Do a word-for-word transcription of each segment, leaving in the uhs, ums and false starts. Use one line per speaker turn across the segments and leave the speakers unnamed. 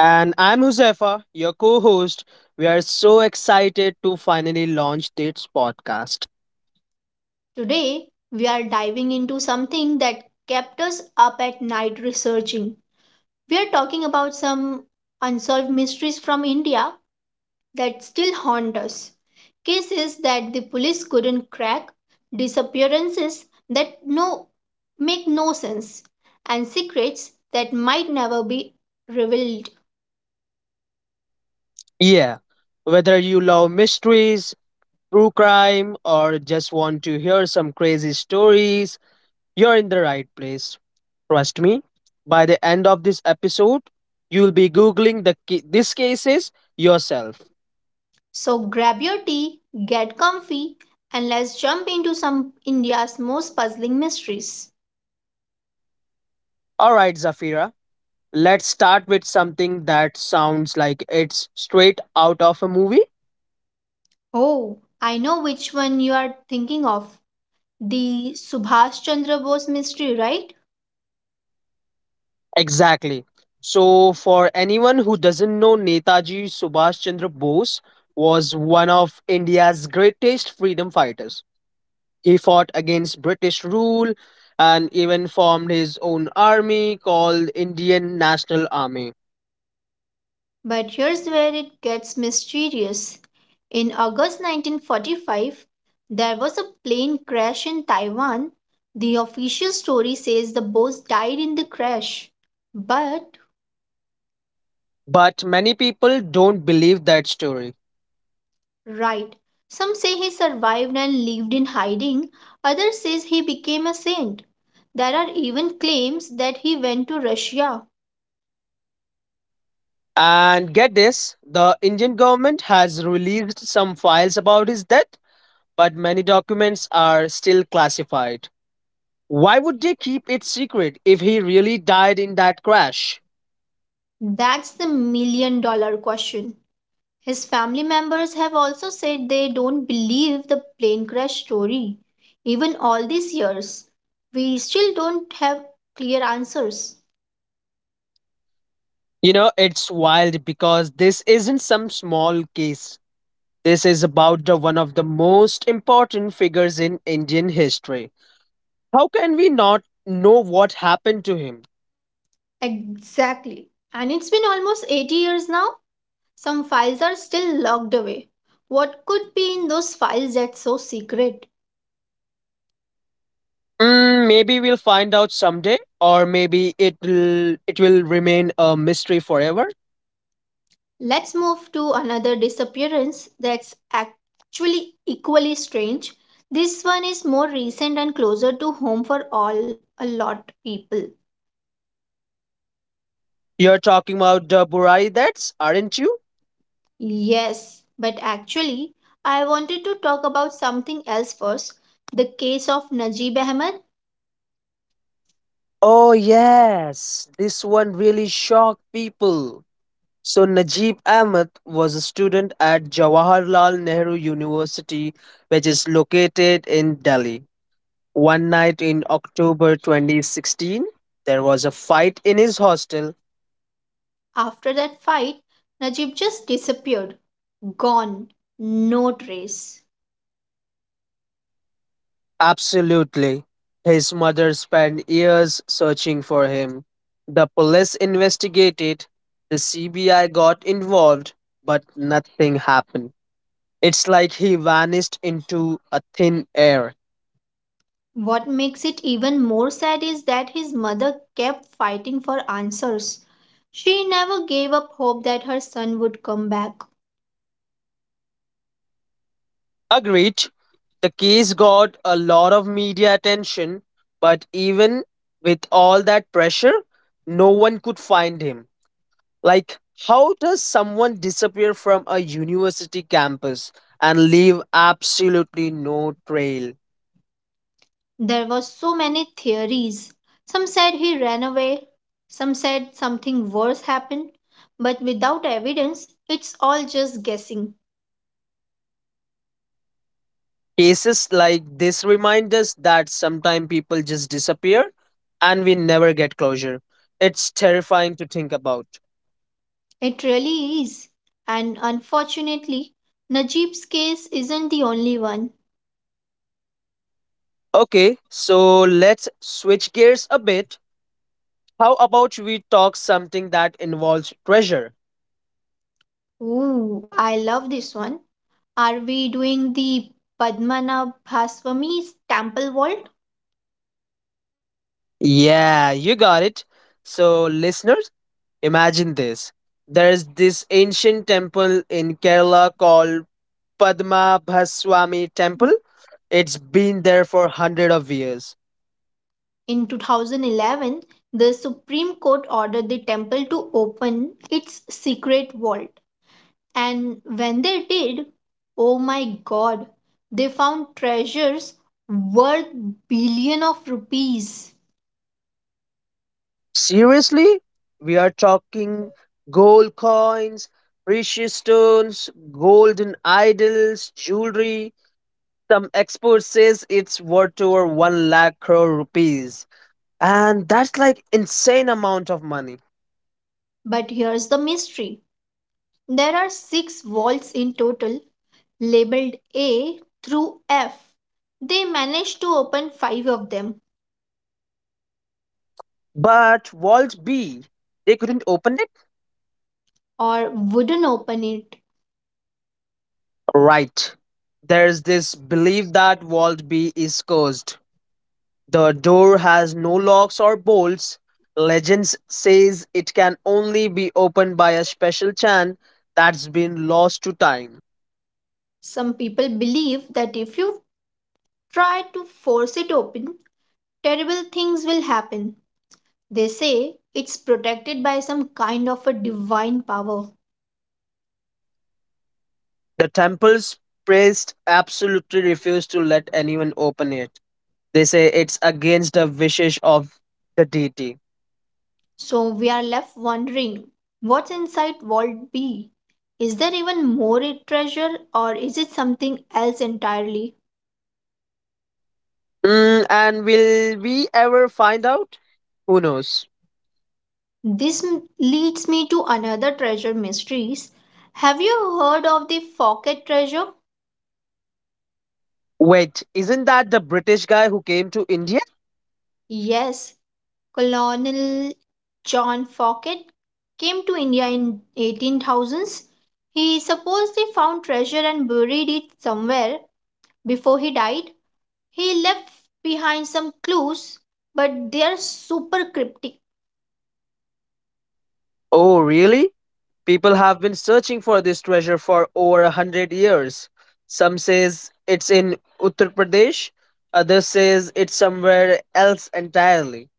And I'm Huzefa, your co host. We are so excited to finally launch this podcast.
Today, we are diving into something that kept us up at night researching. We are talking about some unsolved mysteries from India that still haunt us. Cases that the police couldn't crack, disappearances that no make no sense, and secrets that might never be revealed.
Yeah, whether you love mysteries, true crime, or just want to hear some crazy stories, you're in the right place. Trust me, by the end of this episode, you'll be Googling the ca- these cases yourself.
So grab your tea, get comfy, and let's jump into some India's most puzzling mysteries.
All right, Zafira, let's start with something that sounds like it's straight out of a movie.
Oh, I know which one you are thinking of. The Subhash Chandra Bose mystery, right?
Exactly. So, for anyone who doesn't know, Netaji Subhash Chandra Bose was one of India's greatest freedom fighters. He fought against British rule and even formed his own army called Indian National Army.
But here's where it gets mysterious. In August nineteen forty-five, there was a plane crash in Taiwan. The official story says the Bose died in the crash. But
But many people don't believe that story.
right. Some say he survived and lived in hiding. Others says he became a saint. There are even claims that he went to Russia.
And get this, the Indian government has released some files about his death, but many documents are still classified. Why would they keep it secret if he really died in that crash?
That's the million dollar question. His family members have also said they don't believe the plane crash story. Even all these years, we still don't have clear answers.
You know, it's wild because this isn't some small case. This is about the one of the most important figures in Indian history. How can we not know what happened to him?
Exactly. And it's been almost eighty years now. Some files are still locked away. What could be in those files that's so secret?
Mm, maybe we'll find out someday, or maybe it'll it will remain a mystery forever.
Let's move to another disappearance that's actually equally strange. This one is more recent and closer to home for all a lot people.
You're talking about the Burai deaths, aren't you?
Yes, but actually I wanted to talk about something else first. The case of Najib Ahmed.
Oh yes, this one really shocked people. So Najib Ahmed was a student at Jawaharlal Nehru University, which is located in Delhi. One night in October twenty sixteen, there was a fight in his hostel.
After that fight, Najib just disappeared, gone, no trace.
Absolutely. His mother spent years searching for him. The police investigated, the C B I got involved, but nothing happened. It's like he vanished into a thin air.
What makes it even more sad is that his mother kept fighting for answers. She never gave up hope that her son would come back.
Agreed. The case got a lot of media attention, but even with all that pressure, no one could find him. Like, how does someone disappear from a university campus and leave absolutely no trail?
There were so many theories. Some said he ran away, some said something worse happened, but without evidence, it's all just guessing.
Cases like this remind us that sometimes people just disappear and we never get closure. It's terrifying to think about.
It really is. And unfortunately, Najib's case isn't the only one.
Okay, so let's switch gears a bit. How about we talk something that involves treasure?
Ooh, I love this one. Are we doing the Padmanabhaswamy temple vault?
Yeah, you got it. So, listeners, imagine this. There's this ancient temple in Kerala called Padmabhaswamy Temple. It's been there for hundred of years.
In two thousand eleven, the Supreme Court ordered the temple to open its secret vault. And when they did, oh my god, they found treasures worth billion of rupees.
Seriously? We are talking gold coins, precious stones, golden idols, jewelry. Some experts says it's worth over one lakh crore rupees. And that's like insane amount of money.
But here's the mystery. There are six vaults in total labeled A through F. They managed to open five of them
But vault B, they couldn't open it.
or wouldn't open it.
Right, there's this belief that vault B is cursed. The door has no locks or bolts. Legends says it can only be opened by a special chant that's been lost to time.
Some people believe that if you try to force it open, terrible things will happen. They say it's protected by some kind of a divine power.
The temple's priest absolutely refused to let anyone open it. They say it's against the wishes of the deity.
So we are left wondering, what's inside Vault B? Is there even more treasure or is it something else entirely?
Mm, and will we ever find out? Who knows?
This m- leads me to another treasure mysteries. Have you heard of the Pocket treasure?
Wait, isn't that the British guy who came to India?
Yes, Colonel John Focket came to India in 18thousands. He supposedly found treasure and buried it somewhere before he died. He left behind some clues, but they are super cryptic.
Oh, really? People have been searching for this treasure for over a hundred years. Some says it's in Uttar Pradesh, others says it's somewhere else entirely.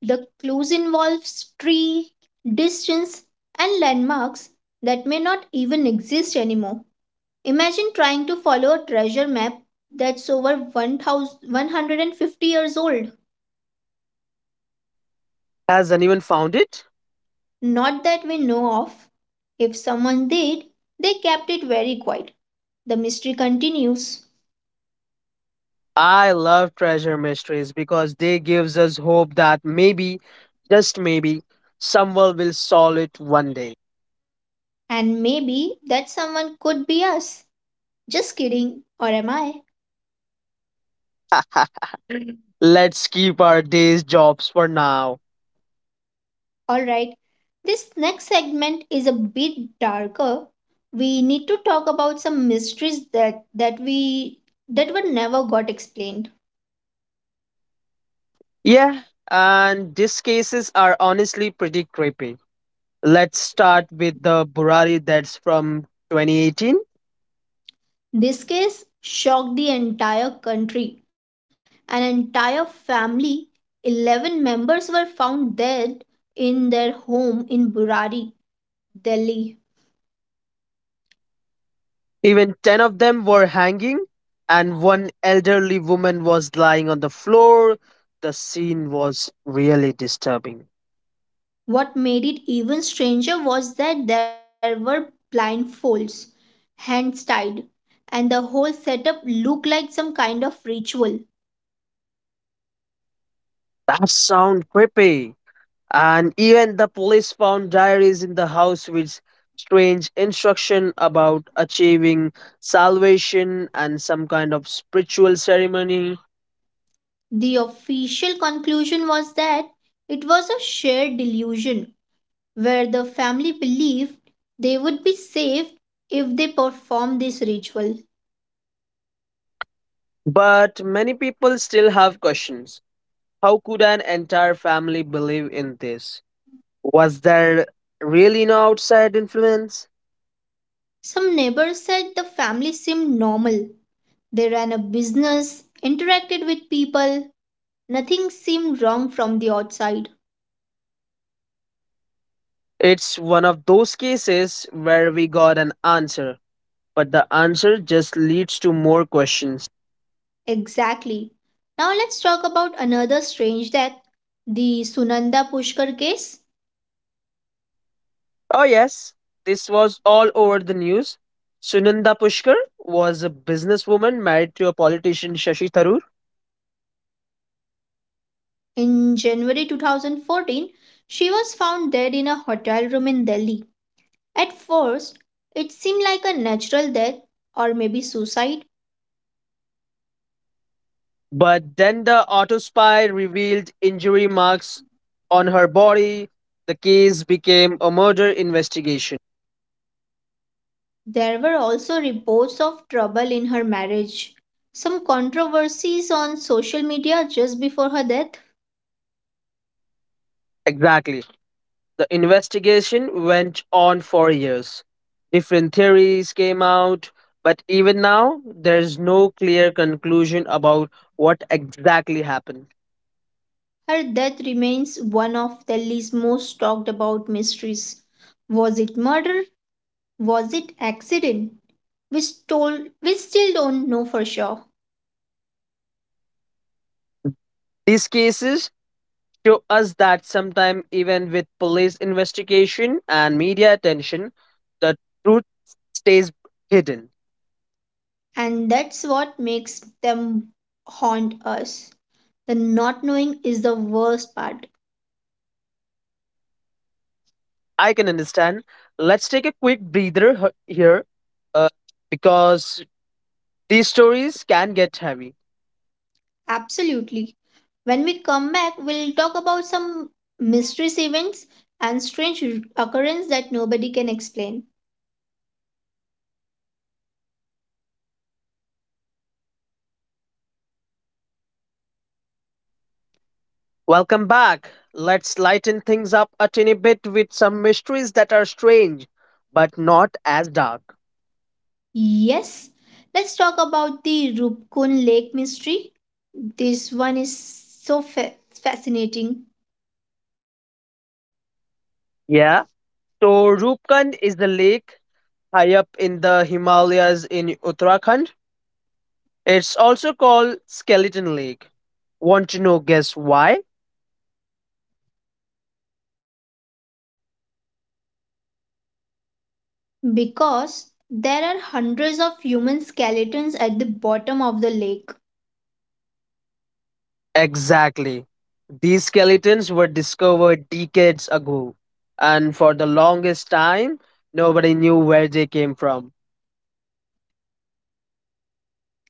The clues involve tree, distance, and landmarks that may not even exist anymore. Imagine trying to follow a treasure map that's over one thousand one hundred fifty years old.
Has anyone found it?
Not that we know of. If someone did, they kept it very quiet. The mystery continues.
I love treasure mysteries because they gives us hope that maybe, just maybe, someone will solve it one day.
And maybe that someone could be us. Just kidding. Or am I?
Let's keep our days jobs for now.
Alright. This next segment is a bit darker. We need to talk about some mysteries that, that we that were never got explained.
Yeah, and these cases are honestly pretty creepy. Let's start with the Burari that's from twenty eighteen.
This case shocked the entire country. An entire family, eleven members, were found dead in their home in Burari, Delhi.
Even ten of them were hanging, and one elderly woman was lying on the floor. The scene was really disturbing.
What made it even stranger was that there were blindfolds, hands tied, and the whole setup looked like some kind of ritual.
That sound creepy. And even the police found diaries in the house with strange instruction about achieving salvation and some kind of spiritual ceremony.
The official conclusion was that it was a shared delusion where the family believed they would be safe if they performed this ritual.
But many people still have questions. How could an entire family believe in this? Was there really no outside influence?
Some neighbors said the family seemed normal. They ran a business, interacted with people, nothing seemed wrong from the outside.
It's one of those cases where we got an answer, but the answer just leads to more questions.
Exactly. Now let's talk about another strange death, the Sunanda Pushkar case.
Oh, yes, this was all over the news. Sunanda Pushkar was a businesswoman married to a politician Shashi Tharoor,
In January twenty fourteen, she was found dead in a hotel room in Delhi. At first, it seemed like a natural death or maybe suicide.
but then the autopsy revealed injury marks on her body. The case became a murder investigation.
There were also reports of trouble in her marriage, some controversies on social media just before her death.
Exactly. The investigation went on for years. Different theories came out, but even now, there's no clear conclusion about what exactly happened.
Her death remains one of Delhi's most talked about mysteries. Was it murder? Was it accident? We, stole, we still don't know for sure.
These cases show us that sometime even with police investigation and media attention, the truth stays hidden.
And that's what makes them haunt us. The not knowing is the worst part.
I can understand. Let's take a quick breather h- here, uh, because these stories can get heavy.
Absolutely. When we come back, we'll talk about some mysterious events and strange occurrences that nobody can explain.
Welcome back. Let's lighten things up a tiny bit with some mysteries that are strange but not as dark.
Yes, let's talk about the Rupkun Lake mystery. This one is so fa- fascinating
Yeah. So Rupkund is the lake high up in the Himalayas in Uttarakhand. It's also called Skeleton Lake. Want to know guess why?
because there are hundreds of human skeletons at the bottom of the lake.
Exactly. These skeletons were discovered decades ago, and for the longest time, nobody knew where they came from.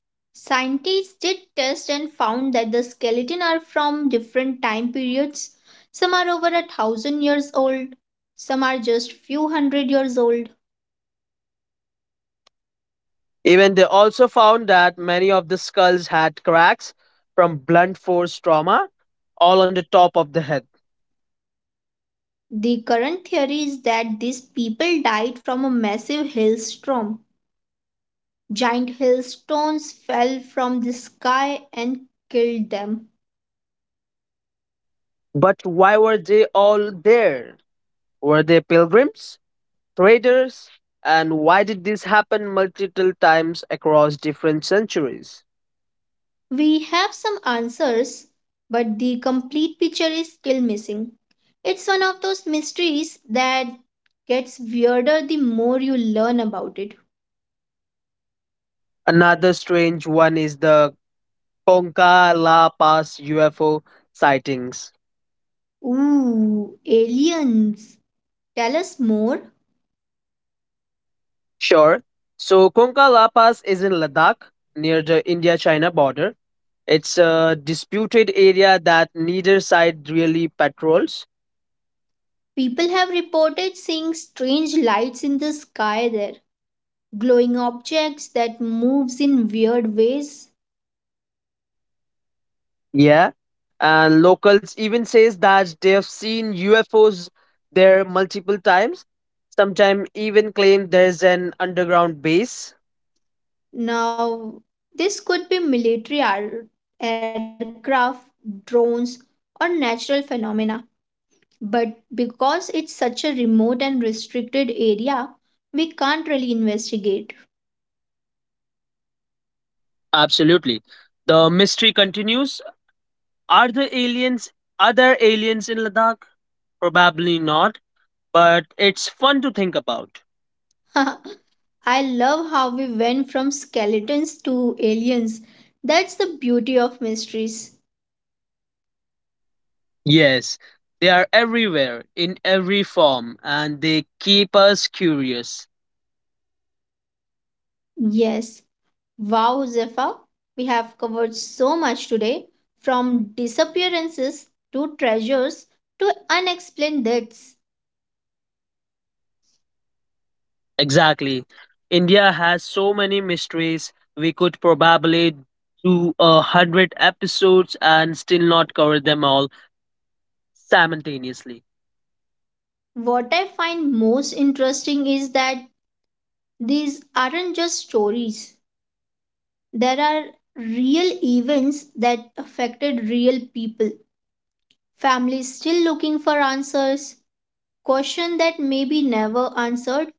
Scientists did tests and found that the skeleton are from different time periods. Some are over a thousand years old, some are just few hundred years old.
Even they also found that many of the skulls had cracks from blunt force trauma all on the top of the head.
The current theory is that these people died from a massive hailstorm. Giant hailstones fell from the sky and killed them.
But why were they all there? Were they pilgrims, traders, and why did this happen multiple times across different centuries?
We have some answers, but the complete picture is still missing. It's one of those mysteries that gets weirder the more you learn about it.
Another strange one is the Conca La Paz U F O sightings.
Ooh, aliens! Tell us more.
Sure. So, Conca La Paz is in Ladakh near the India China border. It's a disputed area that neither side really patrols.
People have reported seeing strange lights in the sky there, glowing objects that moves in weird ways.
Yeah. And locals even says that they have seen U F Os there multiple times. Sometimes even claim there's an underground base.
Now, this could be military ar- aircraft, drones, or natural phenomena. But because it's such a remote and restricted area, we can't really investigate.
Absolutely. The mystery continues. Are the aliens are there aliens in Ladakh? Probably not, but it's fun to think about.
I love how we went from skeletons to aliens. That's the beauty of mysteries.
Yes, they are everywhere in every form and they keep us curious.
Yes, wow, Zephyr, we have covered so much today, from disappearances to treasures to unexplained deaths.
Exactly. India has so many mysteries. We could probably do a hundred episodes and still not cover them all simultaneously.
What I find most interesting is that these aren't just stories. There are real events that affected real people. Families still looking for answers, question that may be never answered,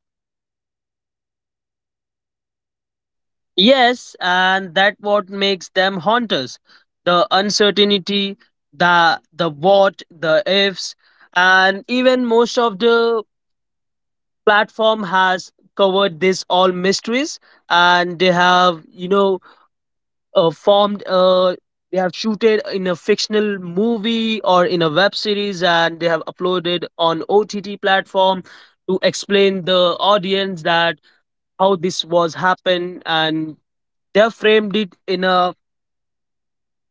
Yes, and that what makes them haunters. The uncertainty, the the what, the ifs, and even most of the platform has covered this all mysteries, and they have you know uh, formed uh they have shooted in a fictional movie or in a web series, and they have uploaded on O T T platform to explain the audience that how this was happened, and they have framed it in a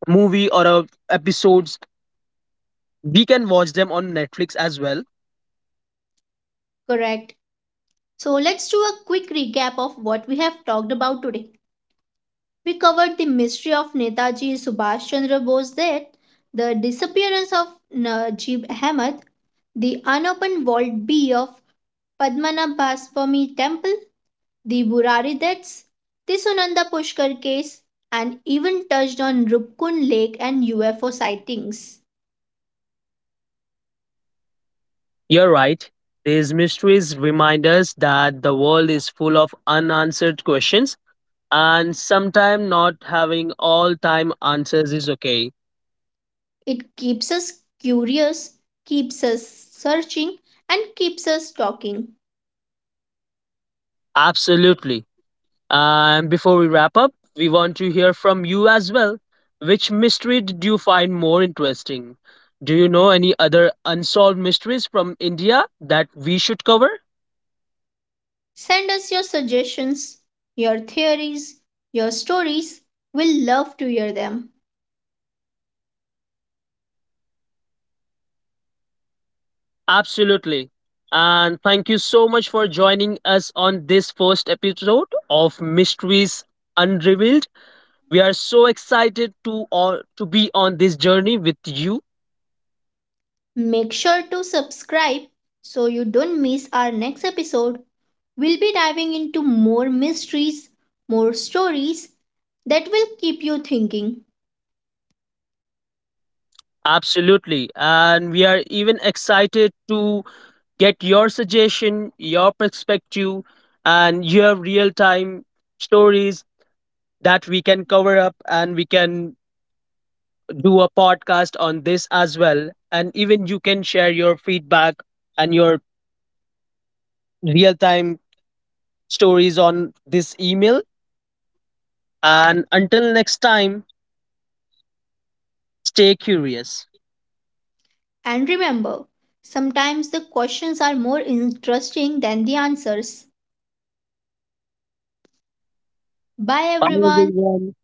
movie or a episodes we can watch them on netflix as well.
correct? So let's do a quick recap of what we have talked about today. We covered the mystery of Netaji Subhash Chandra Bose death, the disappearance of Najib Ahmed, the unopened vault B of Padmanabhaswamy Temple, the Burari deaths, the Sunanda Pushkar case, and even touched on Rupkun Lake and U F O sightings.
You're right. These mysteries remind us that the world is full of unanswered questions, and sometimes not having all time answers is okay.
It keeps us curious, keeps us searching, and keeps us talking.
Absolutely. And before we wrap up, we want to hear from you as well. Which mystery did you find more interesting? Do you know any other unsolved mysteries from India that we should cover?
Send us your suggestions, your theories, your stories. We'll love to hear them.
Absolutely. And thank you so much for joining us on this first episode of Mysteries Unrevealed. We are so excited to all to be on this journey with you.
Make sure to subscribe so you don't miss our next episode. We'll be diving into more mysteries, more stories that will keep you thinking.
Absolutely. And we are even excited to get your suggestion, your perspective, and your real time stories that we can cover up and we can do a podcast on this as well. And even you can share your feedback and your real time stories on this email. And until next time, stay curious.
And remember, sometimes the questions are more interesting than the answers. Bye
Bye,
everyone.
everyone.